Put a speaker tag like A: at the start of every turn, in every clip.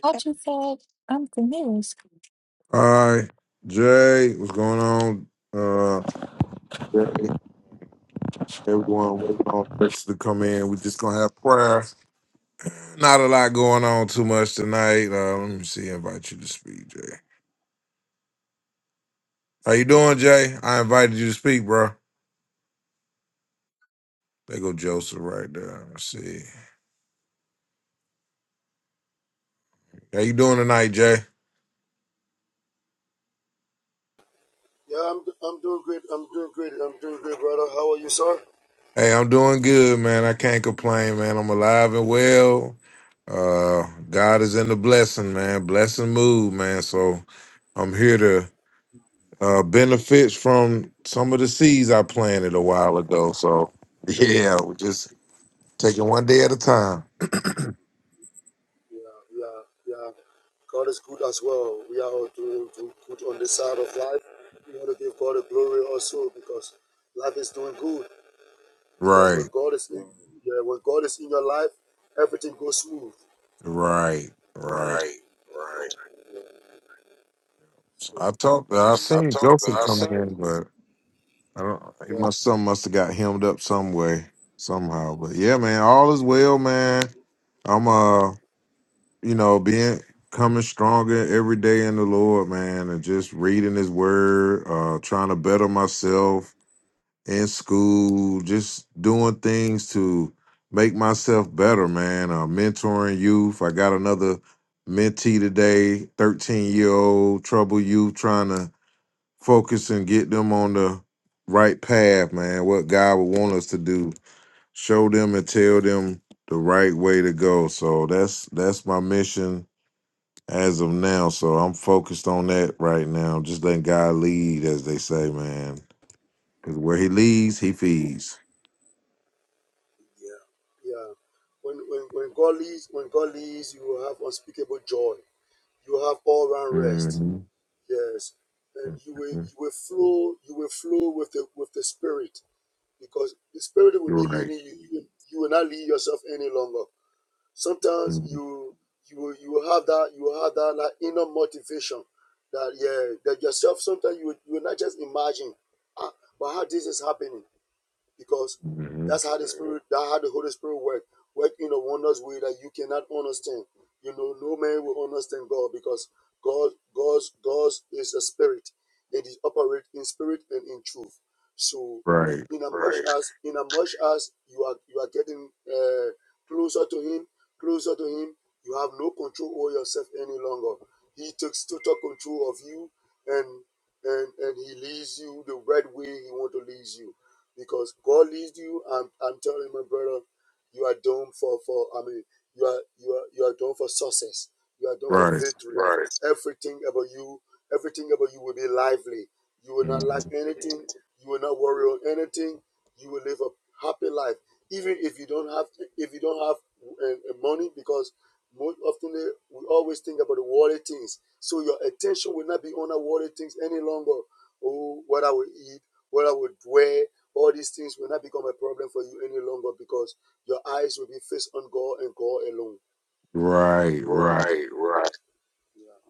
A: What you said, I'm confused.
B: All right, Jay, what's going on? Uh, Jay, everyone, waiting on folks to come in. We're just gonna have prayer. Not a lot going on too much tonight. Uh, let me see. Invite you to speak, Jay. How you doing, Jay? I invited you to speak, bro. There go Joseph right there. Let's see. How you doing tonight, Jay?
C: Yeah, I'm I'm doing great. I'm doing great. I'm doing great, brother. How are you, sir?
B: Hey, I'm doing good, man. I can't complain, man. I'm alive and well. Uh, God is in the blessing, man. Blessing mood, man. So I'm here to. uh, benefits from some of the seeds I planted a while ago. So yeah, we're just taking one day at a time.
C: Yeah, yeah, yeah. God is good as well. We are all doing do- good on this side of life. We want to give God the glory also because life is doing good. Because when
B: Right,
C: God is in yeah, when God is in your life, everything goes smooth.
B: right, right.
C: Right, right. So,
B: I talked. I
C: we- I
B: seen
C: talked to
B: Joseph
C: I
B: come
C: said
B: in, but I don't. He
C: yeah,
B: must some must have got hemmed up some way, somehow. But yeah, man, all is well, man. I'm uh, you know, being coming stronger every day in the Lord, man, and just reading His Word, uh, trying to better myself in school, just doing things to make myself better, man. Uh, mentoring youth. I got another mentee today, 13 year old trouble youth, trying to focus and get them on the right path, man. What God would want us to do, show them and tell them the right way to go. So that's that's my mission as of now. So I'm focused on that right now. Just letting God lead, as they say, man. Because where He leads, He feeds.
C: yeah. yeah. When when when God leads when God leads, you will have unspeakable joy. You will have all round rest.
B: Mm.
C: Yes, and
B: hmm
C: you will
B: Mm.
C: you will flow you will flow with the with the spirit because the spirit will
B: are
C: be
B: right.
C: leading you. You will, you will not lead yourself any longer. Sometimes
B: hmm
C: you you will you will have that you will have that like inner motivation that yeah that yourself. Sometimes you will, you will not just imagine, ah, but how this is happening because
B: hmm
C: that's how the spirit that's how the Holy Spirit work work in a wondrous way that you cannot understand. You know, no man will understand God because God God's God's is a spirit and He operate in spirit and in truth. So
B: Right.
C: in a much Right. as in a much as you are you are getting uh, closer to him, closer to him, you have no control over yourself any longer. He takes total control of you and and and he leads you the right way he want to lead you because God leads you. I'm, I'm telling my brother, you are doomed for, for I mean, you are you are you are doomed for success. You are doomed for
B: Right.
C: victory. Right. Everything about you, everything about you will be lively. You will
B: hmm
C: not lack anything. You will not worry on anything. You will live a happy life, even if you don't have if you don't have uh, uh, money, because most often we always think about the worldly things. So your attention will not be on the worldly things any longer. Oh, what I will eat, what I would wear, all these things will not become a problem for you any longer because your eyes will be fixed on God and God alone.
B: Right. Right.
C: Right, right. Yeah.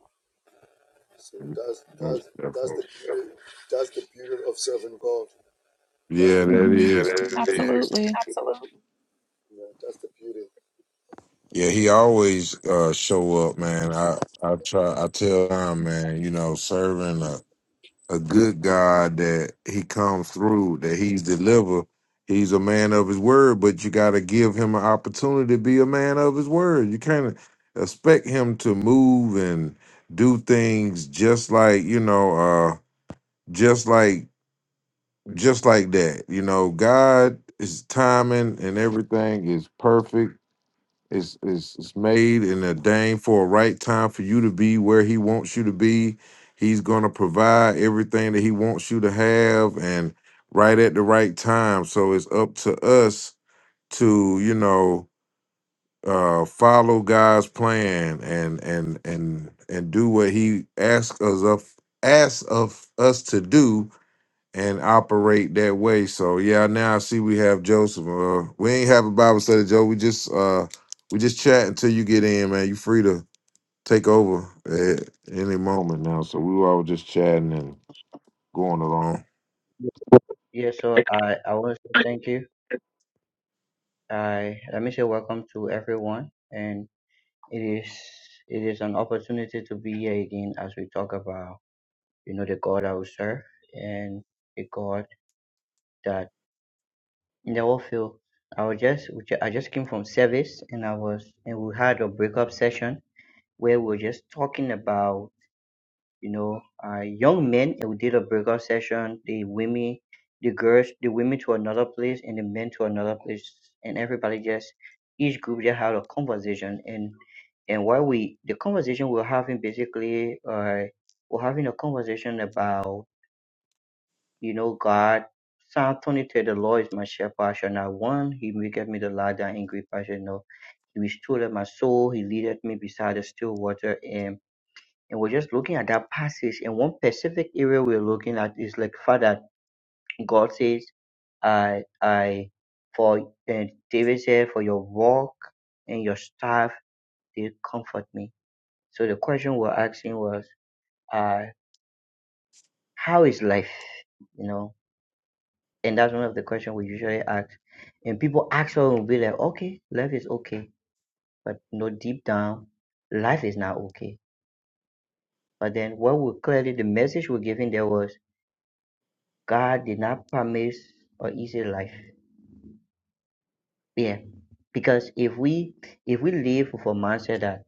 C: So that's
B: Most
C: that's that's
B: definitely.
C: the beauty. That's the beauty of serving God. That's
B: Yeah,
C: the
B: that
C: beauty.
A: hmm
B: is.
C: Yeah, that is.
A: Absolutely.
C: Absolutely. Yeah, that's the beauty.
B: Yeah, he always uh, show up, man. I I try. I tell him, man. You know, serving. a good God that he comes through, that he's delivered. He's a man of his word, but you got to give him an opportunity to be a man of his word. You can't expect him to move and do things just like, you know, uh just like just like that. You know, God is timing and everything is perfect is is is made and ordained for a right time for you to be where he wants you to be. He's gonna provide everything that he wants you to have and right at the right time. So it's up to us to, you know, uh follow God's plan and and and and do what he asks us of asks of us to do and operate that way. So yeah, now I see we have Joseph. Uh, we ain't have a Bible study, Joe. We just uh, we just chat until you get in, man. You free to take over at any moment now. So we were all just chatting and going along.
D: Yeah, so I, I want to say thank you. I let me say welcome to everyone, and it is it is an opportunity to be here again as we talk about you know the God I will serve and the God that in the whole field. I was just we ju- I just came from service and I was and we had a breakup session where we were just talking about you know uh, young men it would did a breakout session the women the girls the women to another place and the men to another place and everybody just each group just had a conversation and and while we the conversation we're having basically uh we're having a conversation about you know god psalm 23 the lord is my shepherd I shall not one he maketh me the lie down in green pasture you he restored my soul he leadeth me beside the still water And and we're just looking at that passage and one specific area we're looking at is like father god says i i for and david said for your walk and your staff they comfort me so the question we're asking was uh how is life you know and that's one of the questions we usually ask and people actually will be like okay life is okay but no deep down life is not okay but then what we clearly the message we're giving there was God did not promise an easy life. Yeah. Because if we if we live with a mindset that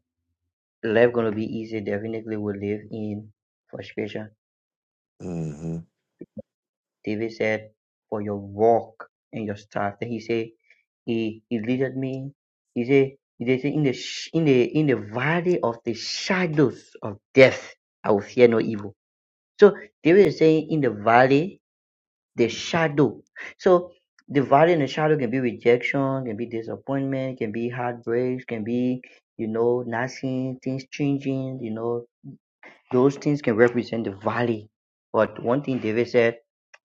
D: life gonna be easy, definitely we live in frustration.
B: hmm
D: David said, For your walk and your staff. Then he said, He he leaded me. He said, he did say in the sh- in the in the valley of the shadows of death, I will fear no evil. So David is saying in the valley the shadow. So the value in the shadow can be rejection, can be disappointment, can be heartbreaks, can be, you know, nothing, things changing, you know, those things can represent the valley. But one thing David said,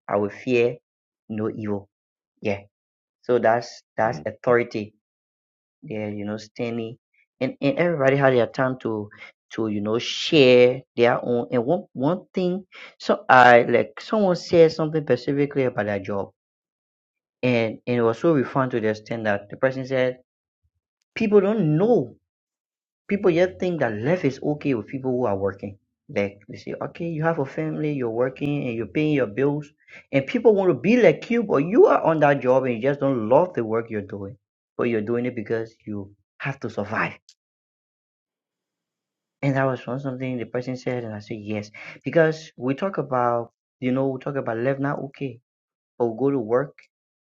D: I will fear no evil. Yeah. So that's that's authority. Yeah, you know, standing and, and everybody had their time to to, you know, share their own and one one thing so I like someone said something specifically about their job And and it was so refined to the extent that the person said, people don't know. People yet think that life is okay with people who are working. Like they say, okay, you have a family, you're working and you're paying your bills, and people want to be like you, but you are on that job and you just don't love the work you're doing. But you're doing it because you have to survive. And that was one something the person said, and I said yes. Because we talk about, you know, we talk about life not okay, but we go to work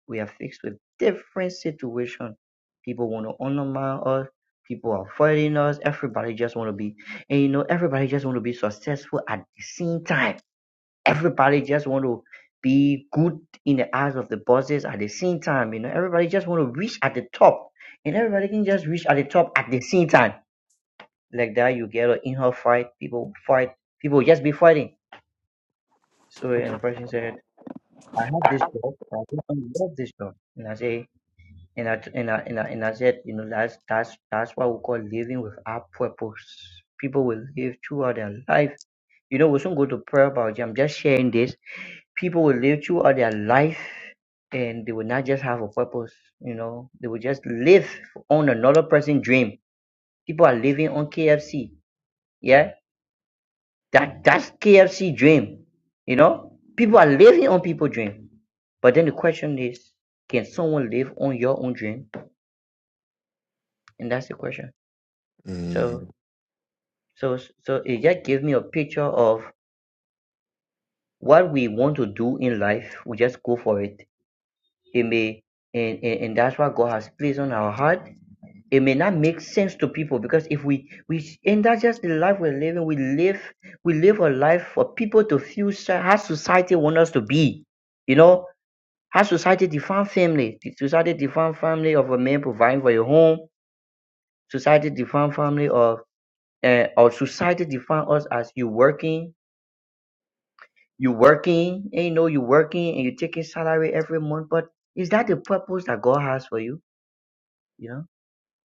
D: We are fixed with different situation. People want to undermine us. People are fighting us. Everybody just want to be, and you know, everybody just want to be successful at the same time. Everybody just want to be good in the eyes of the bosses at the same time. You know, everybody just want to reach at the top, and everybody can just reach at the top at the same time. Like that, you get an in-house fight. People fight. People just be fighting. So, and the person said, "I have this job. I don't love this job." And I say, and I and I and I, and I said, you know, that's that's that's what we call living with our purpose. People will live throughout their life. You know, we shouldn't go to prayer about it. I'm just sharing this. People will live throughout their life, and they will not just have a purpose. You know, they will just live on another person's dream. People are living on KFC. Yeah, that that's KFC dream. You know, people are living on people's dream. But then the question is, can someone live on your own dream? And that's the question. So
B: hmm
D: So so it just gives me a picture of what we want to do in life. We just go for it. It may and, and, and that's what God has placed on our heart. It may not make sense to people because if we we and that's just the life we're living. We live we live a life for people to feel so- how society wants us to be. You know how society define family. Society define family of a man providing for your home. Society define family of uh, or society define us as you working You working, and you know you working, and you taking salary every month. But is that the purpose that God has for you? You know.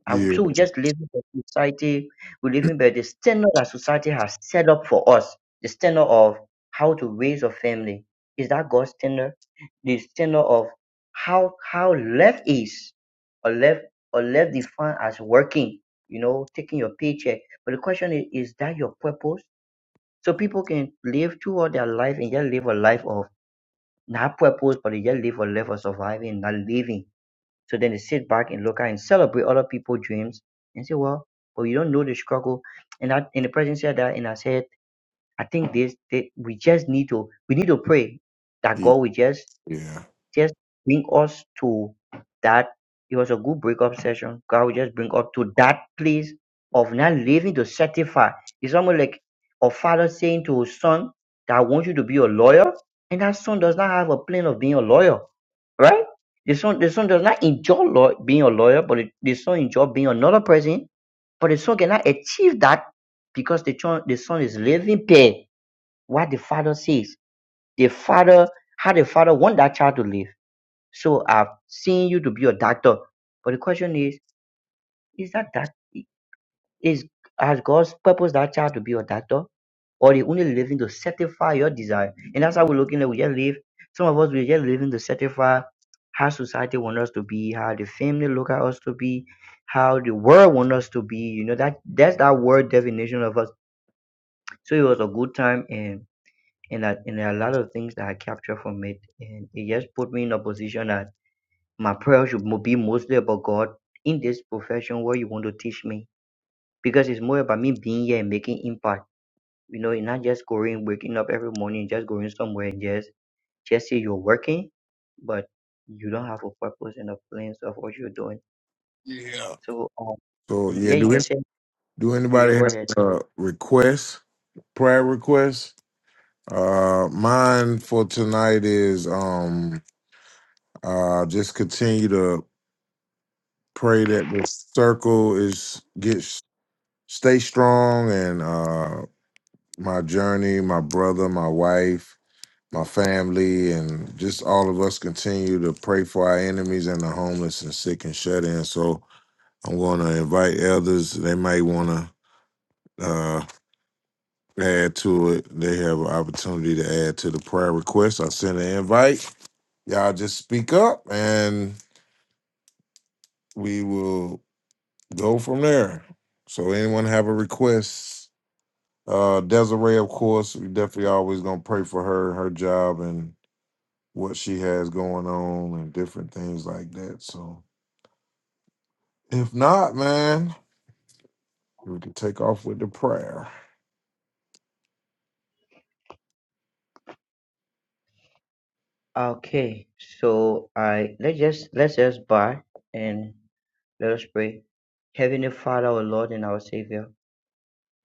D: I,
B: Yeah,
D: so we just live in the society. We live in by the standard that society has set up for us. The standard of how to raise a family is that God's standard. The standard of how how love is, or love or love defined as working. You know, taking your paycheck. But the question is, is that your purpose? So people can live throughout their life and just live a life of not purpose, but you just live for life or surviving, not living. So then they sit back and look at and celebrate other people's dreams and say, well, but you don't know the struggle. And I, and the president said that, and I said, I think this, that we just need to, we need to pray that
B: yeah,
D: God will just
B: yeah.
D: just bring us to that. It was a good breakup session. God will just bring up to that place of not living to satisfy. It's almost like a father saying to his son that I want you to be a lawyer, and that son does not have a plan of being a lawyer, right? The son, the son does not enjoy law, being a lawyer, but the, the son enjoy being another person. But the son cannot achieve that because the, son, the son is living per what the father says. The father, how the father want that child to live. So I've seen you to be a doctor, but the question is, is that that is has God's purpose that child to be a doctor, or He only living to satisfy your desire? And that's how we're looking at. We just live. Some of us we just living to satisfy how society want us to be, how the family look at us to be, how the world want us to be. You know that that's that word definition of us. So it was a good time and. And, I, and there are a lot of things that I captured from it, and it just put me in a position that my prayer should mo- be mostly about God in this profession what you want to teach me because it's more about me being here and making impact you know and not just going waking up every morning just going somewhere and just just say you're working but you don't have a purpose and a plans of what you're doing
B: Yeah.
D: so um,
B: So
D: mm-hmm,
B: yeah,
D: yeah you
B: do
D: can
B: any,
D: say
B: do
D: you can
B: anybody
D: go
B: have
D: ahead
B: uh requests, prayer requests? Uh, mine for tonight is um uh just continue to Pray that the circle is gets stay strong and uh my journey, my brother, my wife, my family, and just all of us continue to pray for our enemies and the homeless and sick and shut in. So I'm gonna invite elders; They might wanna uh add to it. They have an opportunity to add to the prayer request. I sent an invite. Y'all just speak up and we will go from there. So anyone have a request? Uh, Desiree, of course, we definitely always gonna pray for her, her job, and what she has going on, and different things like that. So, if not, man, we can take off with the prayer.
D: okay so i let's just let's just bow and let us pray heavenly father our lord and our savior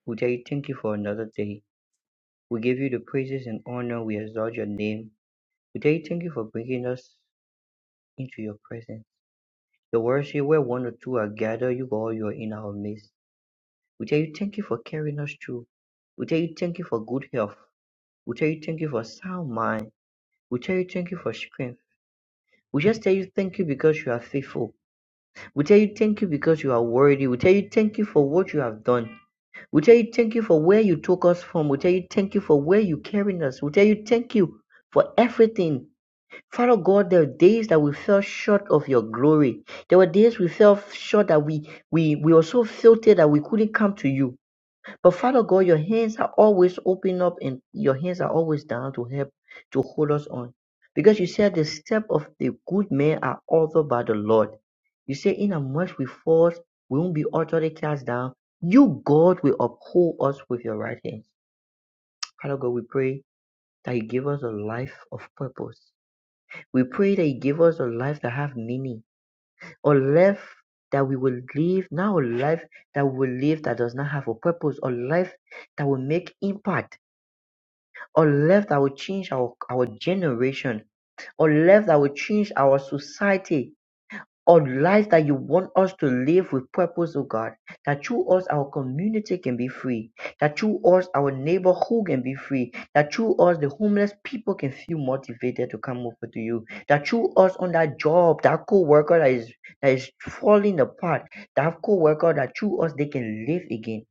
D: we tell you thank you for another day We give you the praises and honor. We exalt your name. We tell you thank you for bringing us into your presence. The words say where one or two are gathered, you all you are in our midst. We tell you thank you for carrying us through. We tell you thank you for good health. We tell you thank you for sound mind. We tell you thank you for strength. We just tell you thank you because you are faithful. We tell you thank you because you are worthy. We tell you thank you for what you have done. We tell you thank you for where you took us from. We tell you thank you for where you carried us. We tell you thank you for everything Father God, there were days that we fell short of your glory. There were days we fell short that we, we, we were so filthy that we couldn't come to you. But Father God, your hands are always open up and your hands are always down to help, to hold us on. Because you said the step of the good man are ordered by the Lord. You say in a much we fall, we won't be utterly cast down. You, God, will uphold us with your right hand. Father God, we pray that you give us a life of purpose we pray that you give us a life that have meaning, a life that we will live, not a life that we will live that does not have a purpose, a life that will make impact, a life that will change our, our generation, a life that will change our society, or Realize that you want us to live with purpose, O God. That through us, our community can be free. That through us, our neighborhood can be free. That through us, the homeless people can feel motivated to come over to you. That through us, on that job, that co-worker that is that is falling apart, that co-worker that through us they can live again.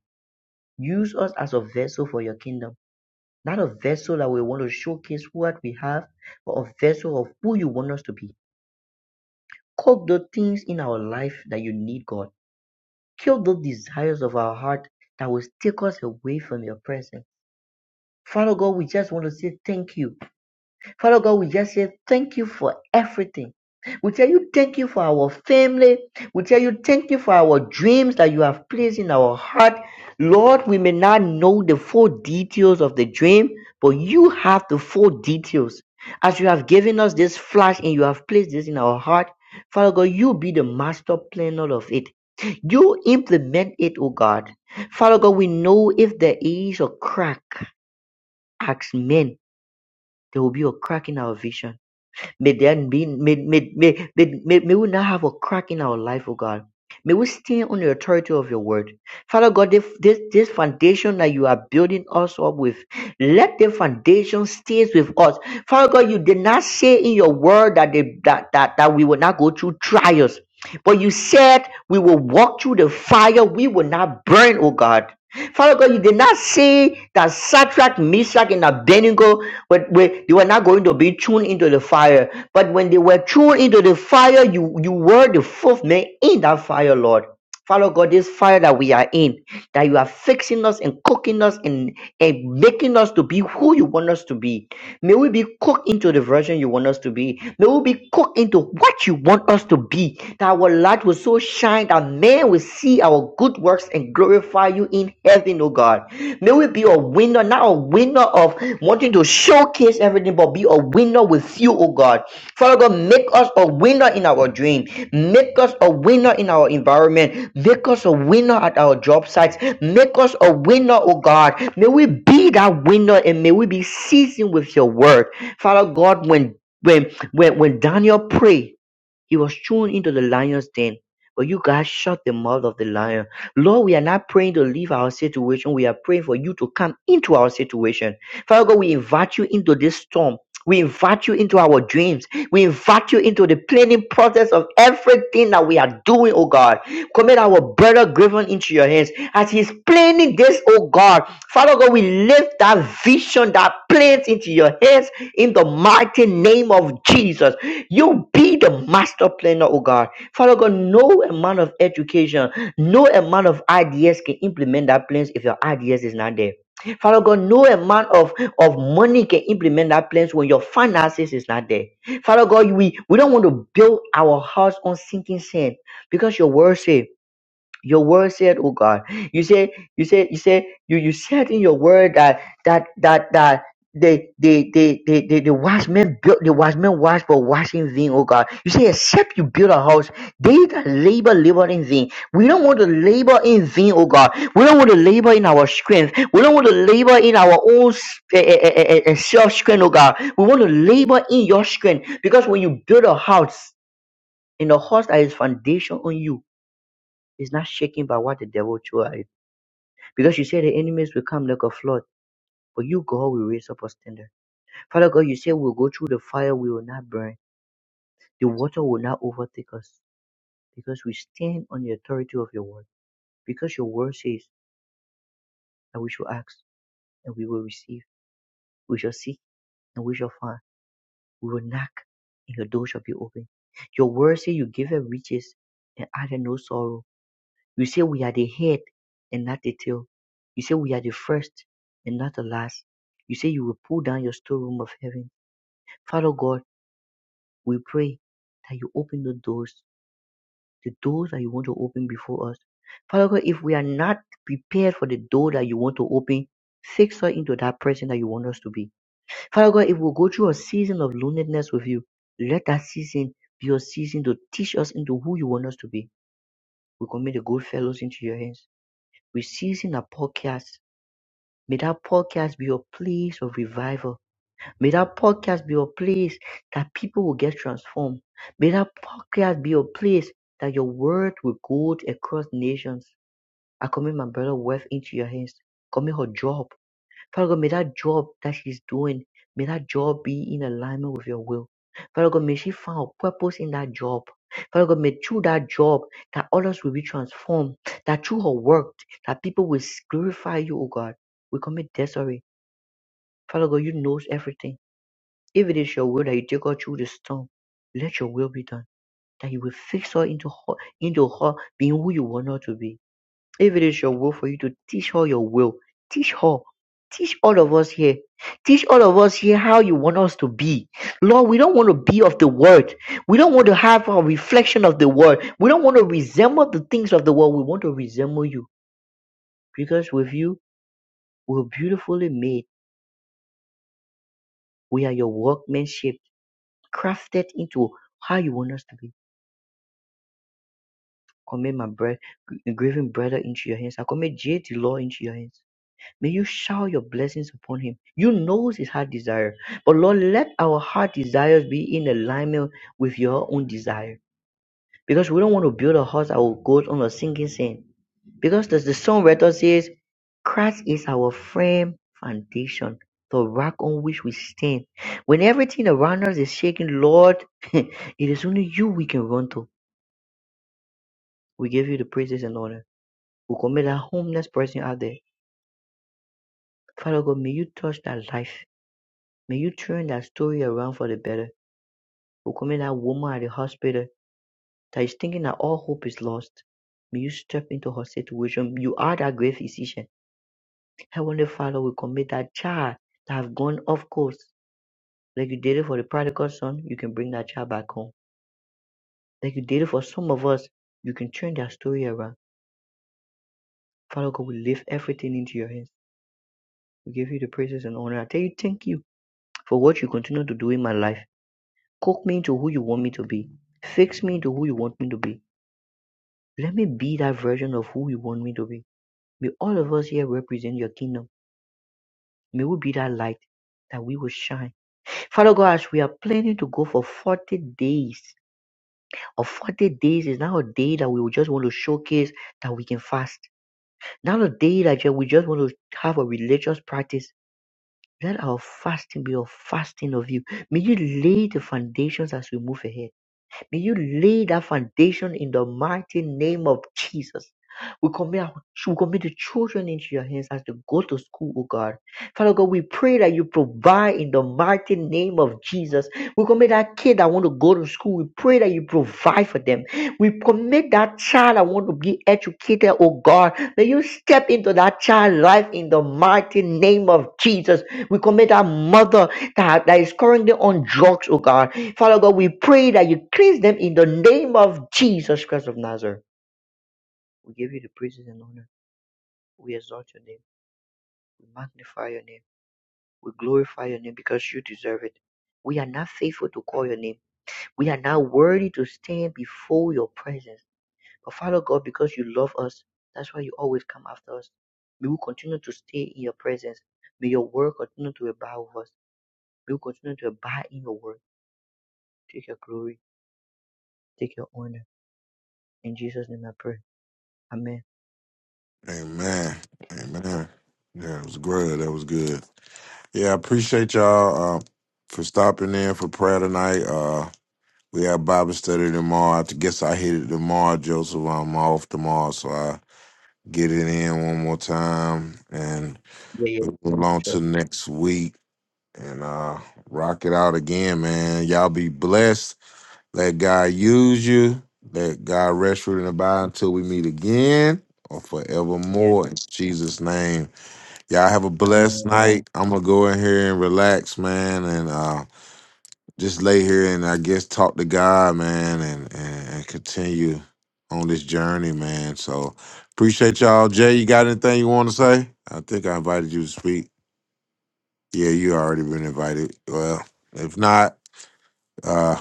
D: Use us as a vessel for your kingdom. Not a vessel that we want to showcase what we have, but a vessel of who you want us to be. Cook the things in our life that you need, God Kill the desires of our heart that will take us away from your presence. Father God, we just want to say thank you. Father God, we just say thank you for everything. We tell you thank you for our family. We tell you thank you for our dreams that you have placed in our heart. Lord, we may not know the full details of the dream, but you have the full details. As you have given us this flash and you have placed this in our heart, Father God, you be the master planner of it. You implement it, O God. Father God, we know if there is a crack, as men, there will be a crack in our vision. May there be may, may, may, may, may, may we not have a crack in our life, oh God. May we stand on the authority of your word. Father God, this, this, this foundation that you are building us up with, let the foundation stays with us. Father God, you did not say in your word that, they, that, that, that we will not go through trials, but you said we will walk through the fire, we will not burn, oh God. Father God, you did not say that Satrach, Meshach, and Abednego but when they were not going to be thrown into the fire. But when they were thrown into the fire, you, you were the fourth man in that fire, Lord. Father God, this fire that we are in, that you are fixing us and cooking us and, and making us to be who you want us to be. May we be cooked into the version you want us to be. May we be cooked into what you want us to be. That our light will so shine that men will see our good works and glorify you in heaven, oh God. May we be a winner, not a winner of wanting to showcase everything, but be a winner with you, oh God. Father God, make us a winner in our dream. Make us a winner in our environment. Make us a winner at our job sites. Make us a winner, oh God. May we be that winner and may we be seasoned with your word. Father God, when when when, when Daniel prayed, he was thrown into the lion's den, but you guys shut the mouth of the lion. Lord, we are not praying to leave our situation. We are praying for you to come into our situation. Father God, we invite you into this storm. We invite you into our dreams. We invite you into the planning process of everything that we are doing, oh God. Commit our brother Griffin into your hands as he's planning this, oh God. Father God, we lift that vision, that plans into your hands in the mighty name of Jesus. You be the master planner, oh God. Father God, no amount of education, no amount of ideas can implement that plans if your ideas is not there. Father God, no amount of, of money can implement that plans when your finances is not there. Father God, we, we don't want to build our house on sinking sand because your word says your word said oh god you say, you say, you say, you you said in your word that that that that the the the the the, the watchman built the watchman watch for washing vain oh god you say except you build a house they that labor labor in vain we don't want to labor in vain oh god we don't want to labor in our strength we don't want to labor in our own self strength oh god we want to labor in your strength because when you build a house in the house that is foundation on you is not shaken by what the devil tried. Because you said the enemies will come like a flood, but you, God, will raise up a standard. Father God, you said we'll go through the fire, we will not burn. The water will not overtake us because we stand on the authority of your word. Because your word says that we shall ask and we will receive. We shall seek and we shall find. We will knock and your door shall be open. Your word says you give her riches and add her no sorrow. You say we are the head and not the tail. You say we are the first and not the last. You say you will pull down your storeroom of heaven. Father God, we pray that you open the doors, the doors that you want to open before us. Father God, if we are not prepared for the door that you want to open, fix us into that person that you want us to be. Father God, if we go through a season of loneliness with you, let that season be a season to teach us into who you want us to be. We commit the good fellows into your hands. We season our podcast May that podcast be a place of revival. May that podcast be a place that people will get transformed. May that podcast be a place that your word will go across nations. I commit my brother wife into your hands. Commit her job. Father God, may that job that she's doing, may that job be in alignment with your will. Father God, may she find a purpose in that job. Father God, may through that job that others will be transformed, that through her work, that people will glorify you, O God. We commit Desiree. Father God, you knows everything. If it is your will that you take her through the storm, let your will be done. That you will fix her into her, into her being who you want her to be. If it is your will for you to teach her your will, teach her. Teach all of us here. Teach all of us here how you want us to be. Lord, we don't want to be of the world. We don't want to have a reflection of the world. We don't want to resemble the things of the world. We want to resemble you. Because with you, we're beautifully made. We are your workmanship. crafted into how you want us to be. Commit my bread, grieving brother into your hands. I commit J the Lord into your hands. May you shower your blessings upon him. You know his heart desire. But Lord, let our heart desires be in alignment with your own desire. Because we don't want to build a house that will go on a sinking sand. Because as the songwriter says, Christ is our firm foundation, the rock on which we stand. When everything around us is shaking, Lord, it is only you we can run to. We give you the praises and honor. We commit that homeless person out there. Father God, may you touch that life. May you turn that story around for the better. We commit that woman at the hospital that is thinking that all hope is lost. May you step into her situation. You are that great physician. Heavenly Father, we commit that child that have gone off course. Like you did it for the prodigal son, you can bring that child back home. Like you did it for some of us, you can turn that story around. Father God, we lift everything into your hands. We give you the praises and honor. I tell you, thank you for what you continue to do in my life. Cook me into who you want me to be. Fix me into who you want me to be. Let me be that version of who you want me to be. May all of us here represent your kingdom. May we be that light that we will shine. Father God, as we are planning to go for 40 days, or 40 days is now a day that we will just want to showcase that we can fast. Not a day that we just want to have a religious practice. Let our fasting be a fasting of you. May you lay the foundations as we move ahead. May you lay that foundation in the mighty name of Jesus. We commit, our, we commit the children into your hands as they go to school, oh God. Father God, we pray that you provide in the mighty name of Jesus. We commit that kid that want to go to school. We pray that you provide for them. We commit that child that want to be educated, oh God. May you step into that child's life in the mighty name of Jesus. We commit that mother that, that is currently on drugs, oh God. Father God, we pray that you cleanse them in the name of Jesus Christ of Nazareth. We give you the praises and honor. We exalt your name. We magnify your name. We glorify your name because you deserve it. We are not faithful to call your name. We are not worthy to stand before your presence. But Father God, because you love us, that's why you always come after us. May we continue to stay in your presence. May your word continue to abide with us. May we continue to abide in your word. Take your glory. Take your honor. In Jesus' name I pray. Amen.
B: Amen. Amen. Yeah, it was good. That was good. Yeah, I appreciate y'all uh, for stopping in for prayer tonight. Uh, we have Bible study tomorrow. I guess I hit it tomorrow, Joseph. I'm off tomorrow, so I get it in one more time and
D: Yeah. yeah.
B: we move on
D: Sure.
B: to next week. and uh rock it out again, man. Y'all be blessed. Let God use you. Let God rest you and abide until we meet again or
D: Yes,
B: forevermore. In Jesus' name. Y'all have a
D: I'm a
B: blessed night. I'm gonna go in here and relax, man, and uh just lay here and I guess talk to God, man, and and, and continue on this journey, man. So appreciate y'all. Jay, you got anything you want to say? I think I invited you to speak. Yeah, you already been invited. Well, if not, uh,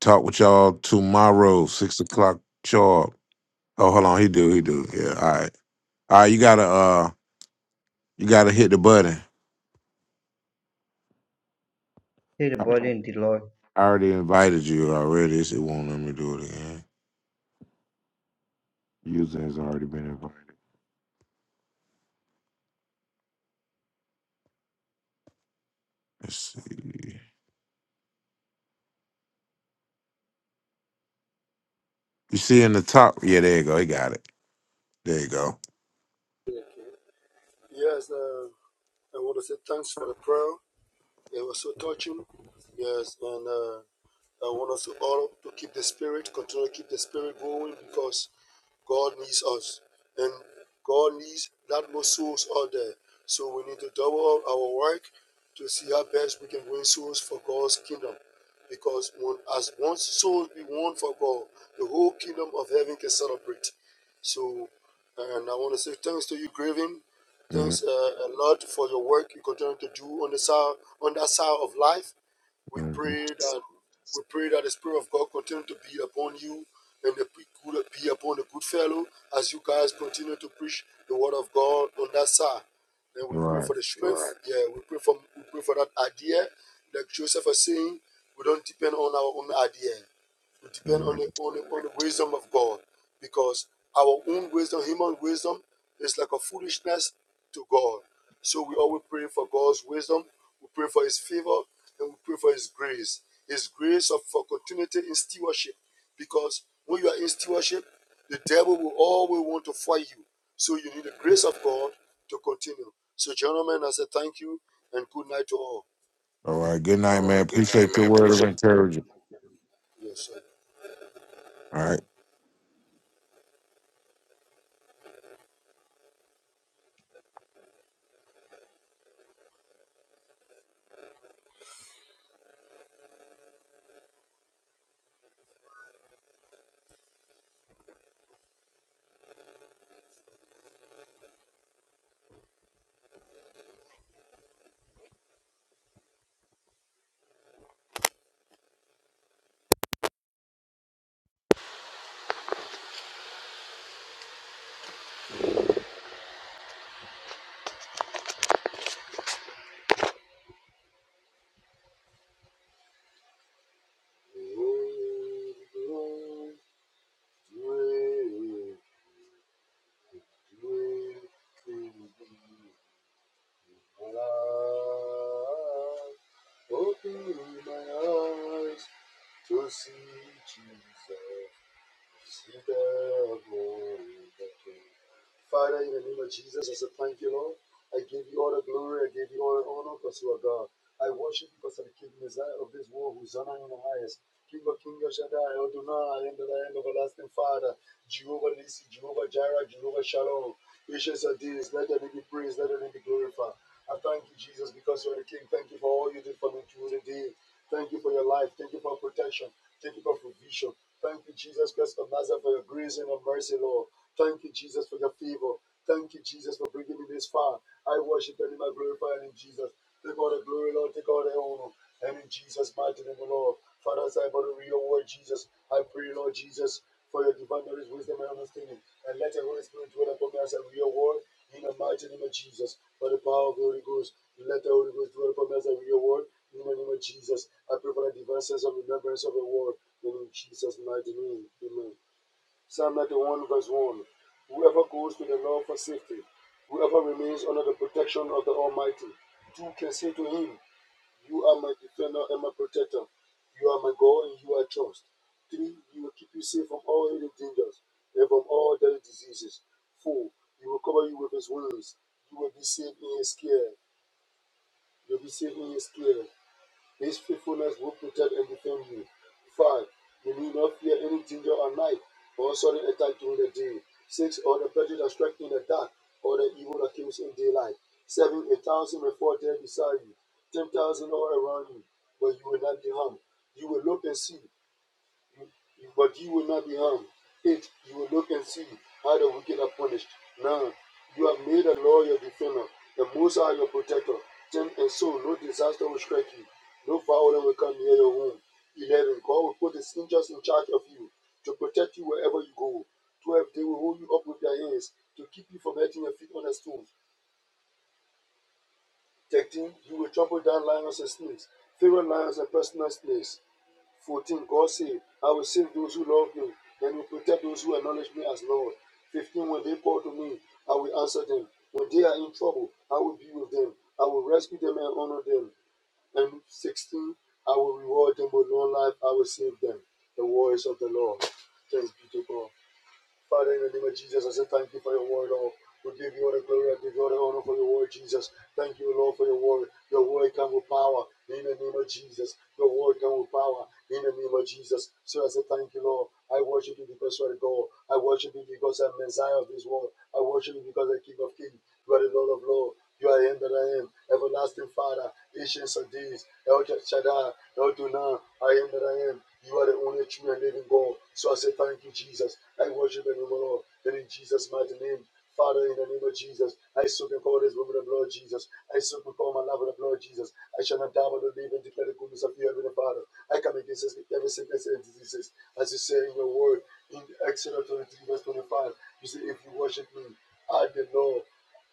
B: talk with y'all tomorrow, six o'clock sharp. Oh, hold on, he do, he do. Yeah, all right, all right. You gotta, uh, you gotta hit the button.
D: third
B: I
D: body in the Lord.
B: I already invited you already. It won't let me do it again. User has already been invited. Let's see. You see in the top? Yeah, there you go. He got it. There you go.
C: Yes, uh, I want to say thanks for the prayer. It was so touching. Yes, and uh, I want us all to keep the spirit, continue to keep the spirit going because God needs us, and God needs that more souls out there. So we need to double up our work to see how best we can win souls for God's kingdom. Because when, as once souls be won for God, the whole kingdom of heaven can celebrate. So, and I want to say thanks to you, Graven.
B: hmm
C: Thanks uh, a lot for your work you continue to do on the side on that side of life we pray that we pray that the Spirit of God continue to be upon you and the be upon the good fellow as you guys continue to preach the word of God on that side. And we pray
B: Right.
C: for the strength. Right. Yeah, we pray for we pray for that idea. Like Joseph was saying, we don't depend on our own idea. We depend on
B: Mhm.
C: the, on, the, on the wisdom of God because our own wisdom, human wisdom, is like a foolishness to God. So we always pray for God's wisdom, we pray for His favor, and we pray for His grace. His grace of, for continuity in stewardship because when you are in stewardship, the devil will always want to fight you. So you need the grace of God to continue. So, gentlemen, I say thank you and good night to all.
B: All right. Good night,
C: All
B: man.
C: right, good night,
B: Appreciate your
C: man.
B: word of
C: Appreciate you.
B: encouragement.
C: Yes, sir.
B: All right.
C: Open my eyes to see Jesus. Receive the glory, the King. Father, in the name of Jesus, I say thank you, Lord. I give you all the glory, I give you all the honor because you are God. I worship you because of the King Messiah of this world who is honor in the highest. King of King of Shaddai, Adonai, I am that I am everlasting Father, Jehovah Nissi, Jehovah Jireh, Jehovah Shalom. Gracious are these, let your name be praised, let your name be glorified. I thank you, Jesus, because you are the King. Thank you for all you did for me through the day. Thank you for your life. Thank you for protection. Thank you, God, for vision. Thank you, Jesus Christ of Nazareth, for your grace and your mercy, Lord. Thank you, Jesus, for your favor. Thank you, Jesus, for bringing me this far. I worship and I glorify your Jesus. Take all the glory, Lord. Take all the honor. And in Jesus' mighty name, Lord. Father, as I believe your word, Jesus, I pray, Lord Jesus, for your divine knowledge, wisdom, and understanding. And let the Holy Spirit dwell upon me us and your word in the mighty name of Jesus. By the power of the Holy Ghost, let the Holy Ghost dwell upon me us and your word in the name of Jesus. I pray for the divine sense of remembrance of the word. in Jesus' mighty name, amen. Psalm 91, verse 1. Whoever goes to the Lord for safety, whoever remains under the protection of the Almighty, two can say to him, you are my defender and my protector. You are my God and you are trust. Three, you will keep you safe from all the dangers and from all deadly diseases. Four, he will cover you with his wings. You will be safe in his care. You'll be safe in his care. His faithfulness will protect and defend you. 5. You need not fear any danger at night or sudden attack during the day. 6. Or the prejudice that strikes in the dark or the evil that comes in daylight. 7. A thousand may fall dead beside you, 10,000 all around you, but you will not be harmed. You will look and see you- you, but you will not be harmed. Eight, you will look and see how the wicked are punished. Nine, you have made the Lord your defender, the Most High your protector. Ten and so, no disaster will strike you, no violence will come near your home. Eleven, God will put His angels in charge of you to protect you wherever you go. Twelve, they will hold you up with their hands to keep you from hurting your feet on the stones. Thirteen, you will trample down lions and snakes, favorite lions and personal snakes. 14, God said, I will save those who love me and will protect those who acknowledge me as Lord. 15, when they call to me, I will answer them. When they are in trouble, I will be with them. I will rescue them and honor them. And 16, I will reward them with long life. I will save them. The words of the Lord. Thanks be to God. Father, in the name of Jesus, I say thank you for your word, Lord. We give you all the glory, I give you all the honor for your word, Jesus. Thank you, Lord, for your word. Your word comes with power in the name of Jesus. Your word comes with power in the name of Jesus. So I say thank you, Lord. I worship you because you are God. I worship you because I'm Messiah of this world. I worship you because I'm King of Kings. You are the Lord of Lords. You are in that I am, everlasting Father, ancient of days, El Shaddai, El Dunah, I am that I am. You are the only true and living God. So I say thank you, Jesus. I worship the name of the Lord. And in Jesus' mighty name, Father, in the name of Jesus, I soak and call this with the blood of Jesus. I soak and call my love with the blood of Jesus. I shall not die but to live and declare the goodness of you, Heavenly Father. I come against this, every sickness and diseases. As you say in your word, in Exodus 23, verse 25, you say, If you worship me, I, the Lord,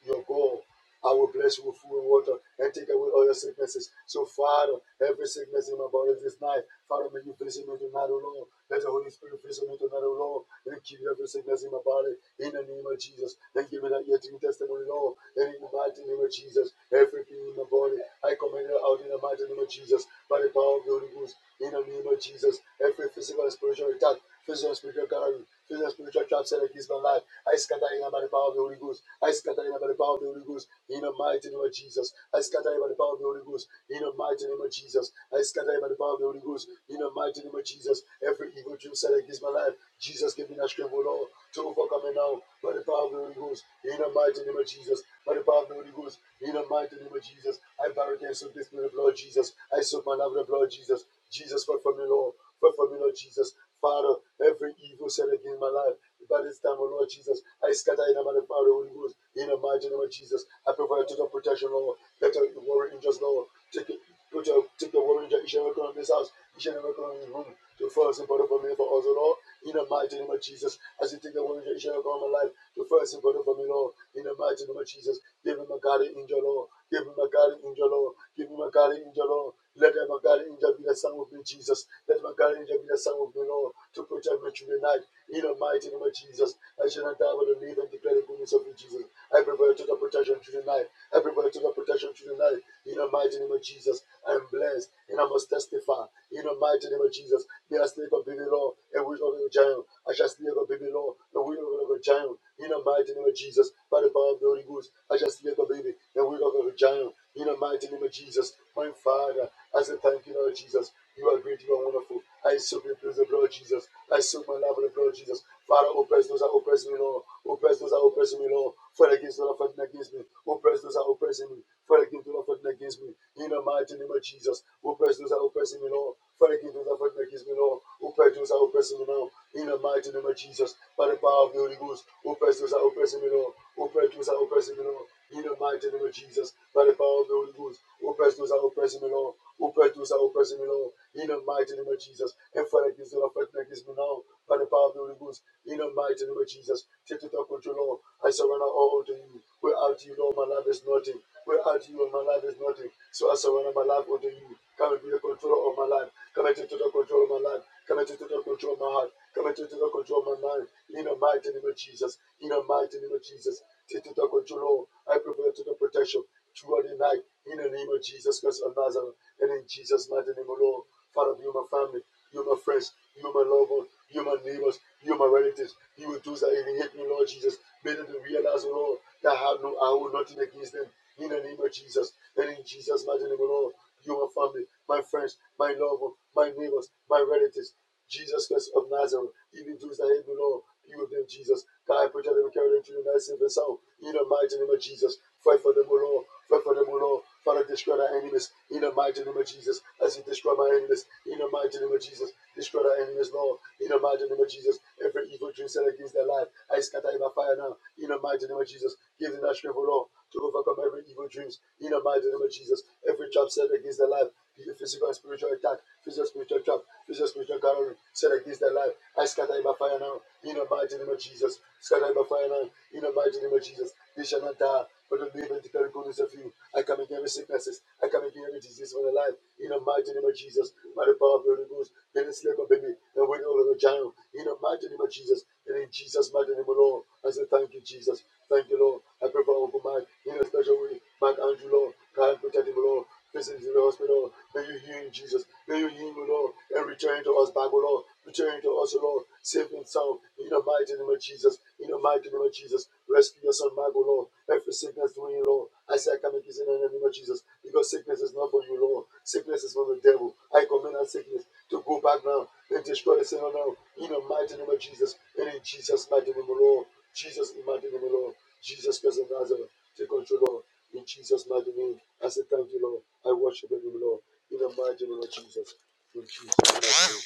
C: your God. I will bless you with food and water and take away all your sicknesses. So, Father, every sickness in my body this night, Father, may you visit me tonight, O Lord. Let the Holy Spirit visit me tonight, O Lord, and keep every sickness in my body in the name of Jesus. And give me that ear to your testimony, Lord, and in the mighty name of Jesus. Everything in my body, I command it out in the mighty name of Jesus. By the power of the Holy Ghost, in the name of Jesus, every physical and spiritual attack, physical and spiritual gallery, physical and spiritual trap set against my life, I scatter it by the power of the Holy Ghost. I scatter it by the power of the Holy Ghost. In the mighty name of Jesus, I scatter by the power of the Holy Ghost. In the mighty name of Jesus, I scatter by the power of the Holy Ghost. In the mighty name of Jesus, every evil dream set against my life, Jesus give me that strength, O Lord, to overcome it now by the power of the Holy Ghost. In the mighty name of Jesus, by the power of the Holy Ghost. In the mighty name of Jesus, I bow against the discipline of Lord Jesus. I soak my love in the blood of Jesus. Jesus, fight for me, Lord. Fight for me, Lord Jesus. Father, every evil set against my life. By this time, oh Lord Jesus, I scatter in the man of power, Holy Ghost, in the mighty name of Jesus. I pray for a total protection, Lord. Let your warrior angels, Lord, take it. Put your, take the warrior angel, each and every corner of this house, each and every corner of this room, to first and important for me, for us, oh Lord. In the mighty name of Jesus, as you take the warrior angel, each and every corner of my life, to first and important for me, Lord. In the mighty name of Jesus, give him a guardian angel, Lord. Give him a guardian angel, Lord. Give him a guardian angel, Lord. Let my guardian angel be the son of me, Jesus. Let my guardian angel be the son of me, Lord, to protect my children. In the mighty name of Jesus, I shall not die but to live and declare the goodness of you, Jesus. I prefer to the protection through the night. I prefer to the protection through the night. In the mighty name of Jesus, I am blessed and I must testify. In the mighty name of Jesus, they are sleep of baby law and we of the giant. I shall sleep of baby law and we of the giant. In the mighty name of Jesus, by the power of the Holy Ghost, I shall sleep of baby and we of the giant. In the mighty name of Jesus, my Father, I say thank you, Lord Jesus. You are great, you are wonderful. I soak the praise of the Lord Jesus. I soak my love in the blood of Jesus. Father, oppress those that oppress me, Lord. Oppress those that oppress me, Lord. Fight against those that fighting against me. Oppress those that oppress me. Fight against those that fighting against me. In the mighty name of Jesus. Oppress those that oppress me, Lord. Thank you, Jesus, for making me know. Opetus, I oppress me now. In the mighty name of Jesus, by the power of the Holy Ghost. Opetus, I oppress me now. Opetus, I oppress me now. In the mighty name of Jesus, by the power of the Holy Ghost. Opetus, I oppress me now. Opetus, I oppress me now. In the mighty name of Jesus, and Father, give me me now. By the power of the Holy Ghost. In the mighty name of Jesus, take total control, Lord. I surrender all to you. Without you, Lord, my life is nothing. Without you, my life is nothing. So I surrender my life unto you. Come and be the controller of my life. Come into total control of my life. Come into total control of my heart. Come into total control of my mind. In the mighty name of Jesus. In the mighty name of Jesus. Take total control, I pray for your total protection throughout the night. In the name of Jesus Christ of Nazareth. And in Jesus' mighty name, O Lord. Father, be with my family. You're my friends. You're my loved ones. You're my neighbors. You're my relatives. You will do that even hate me, Lord Jesus. Made them to realize, oh Lord, that I have no, I hold nothing against them. In the name of Jesus. And in Jesus' mighty name, oh Lord, you're my family, my friends, my loved ones, my neighbors, my relatives. Jesus Christ of Nazareth, even those that hate the Lord, be with them, Jesus. God, protect them and carry them to the night safe and sound. In the mighty name of Jesus, fight for them, O Lord. Fight for them, O Lord. Father, destroy our enemies. In the mighty name of Jesus, as you destroy my enemies. In the mighty name of Jesus, destroy our enemies, Lord. In the mighty name of Jesus, every evil dream set against their life, I scatter in by fire now. In the mighty name of Jesus, give them that strength, O Lord to overcome every evil dreams in the mighty name of Jesus. Every trap set against their life, physical and spiritual attack, physical and spiritual trap, physical and spiritual covering set against their life. I scatter it by fire now in the mighty name of Jesus. Scatter it by fire now in the mighty name of Jesus. They shall not die, but the live and declare the goodness of you. I come against every sicknesses. I come against every disease of the life in the mighty name of Jesus. By the power of the Holy Ghost, they didn't slip up and win over the giant in the mighty name of Jesus. And in Jesus' mighty name, Lord, I say thank you, Jesus. Thank you, Lord. I pray for Uncle Mike in a special way. Mike Andrew, Lord, God and protect him, Lord. Visit him in the hospital. May you heal him, Jesus. May you heal him, Lord, and return to us back, Lord. Return to us, Lord, safe and sound. In the mighty name of Jesus. In the mighty name of Jesus. Rescue your son, Mike, Lord. Every sickness doing you, Lord. I say I come against it in the name of Jesus. Because sickness is not for you, Lord. Sickness is for the devil. I command that sickness to go back now it destroy the sin of now in the mighty name of Jesus. And in Jesus' mighty name, O Lord. Jesus' mighty name, O Lord. Jesus Christ of Nazareth, take control, Lord. In Jesus' mighty name, I say thank you, Lord. I worship you, Lord. In the mighty name of Jesus. In Jesus' mighty name.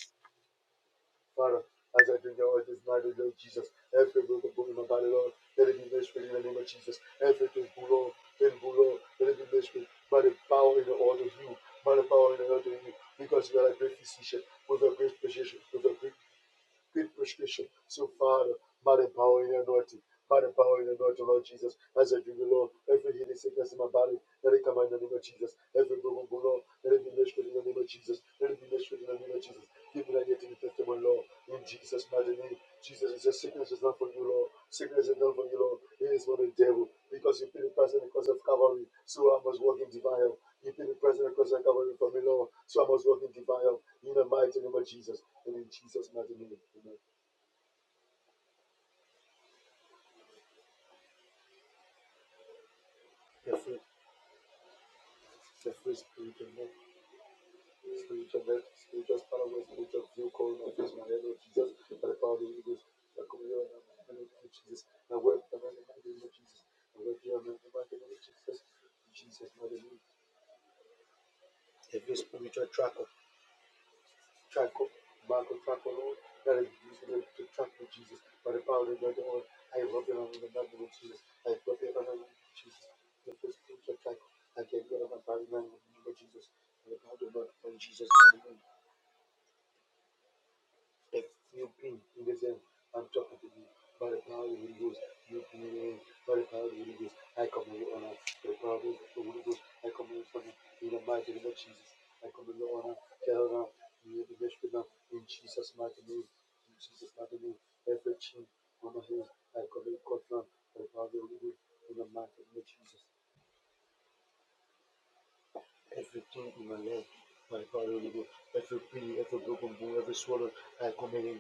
C: Father, as I drink the oil this night, O Lord Jesus, every broken bone in my body, Lord, let it be made straight in the name of Jesus. Everything, Lord, in Lord, let it be made straight by the power in the order of you, by the power in the order of you, because you are a great physician with a great physician, with a great Great prescription. So, Father, by the power in your anointing, by the power in the anointing, Lord Jesus, as I drink the Lord, every healing sickness in my body, let it come out in the name of Jesus. Every broken bone, Lord, let it be measured in the name of Jesus. Let it be measured in the name of Jesus. Give me that yet to be testimony, Lord, in Jesus' mighty name. Jesus, is says, sickness is not for you, Lord. Sickness is not for you, Lord. It is for the devil, because you paid the price on the cross of Calvary, so I must walk in divine health. You paid the price on the cross of Calvary for me, Lord, so I must walk in divine health. In the mighty name of Jesus. And in Jesus' mighty name, amen. You're free. you spiritual neck, spiritual neck, spiritual spiritual spiritual view, calling of face, my head, Jesus, by the power of the Holy Ghost. I come here and the name of Jesus. I work the man the name of Jesus. and I'm in the name of Jesus. Jesus' mighty name. Every spiritual track of track up, Marco track Lord, That is using to track with Jesus. By the power of the Lord, I rub it on the name of Jesus. I rub it on the name of Jesus. The first thing to track, I get rid of my body man, in the name of Jesus. By the power of the Lord, in Jesus' name, like you being in the sense, I'm talking to you by the power of the Holy Ghost. You being in by the power of the Holy Ghost. I command you honor by the power of the Holy Ghost. I command you honor in the mighty name of Jesus. I command you honor, tell now, you the best now in Jesus' mighty name. In Jesus' mighty name, every chain on my hands, I command you cut by the power of the Holy Ghost in the mighty name of Jesus. Everything in my leg, by the power of the Holy Ghost, every pain, every broken bone, every swallow, I command you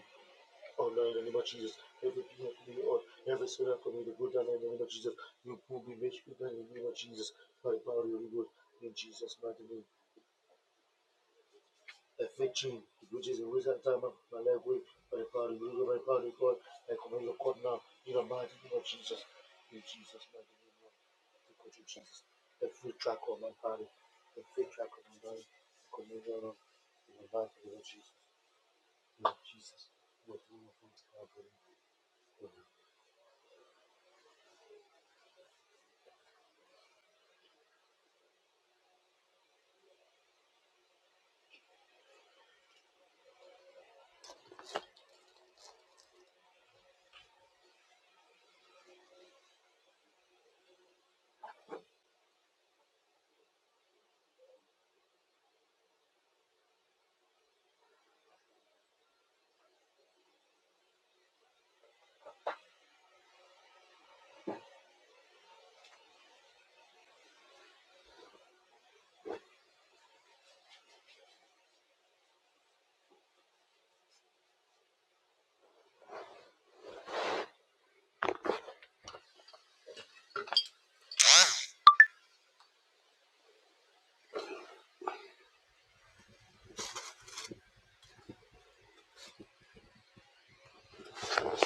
C: Oh Lord, in the name of Jesus, every king of me or every sinner for me to go down in the name of Jesus. You pull me, make me down in the name of Jesus. By the power of the Holy Ghost, in Jesus' mighty name. Affection, which is the reason of time of my life way, by the power of the Holy Ghost, by the power of the God, I command your court now, in the mighty name of Jesus. In Jesus' mighty name, Lord. Thank you, Jesus. Every track of my body, every track of my body, I command your Lord, in the mighty name of Jesus. In Jesus' mighty name, I pray.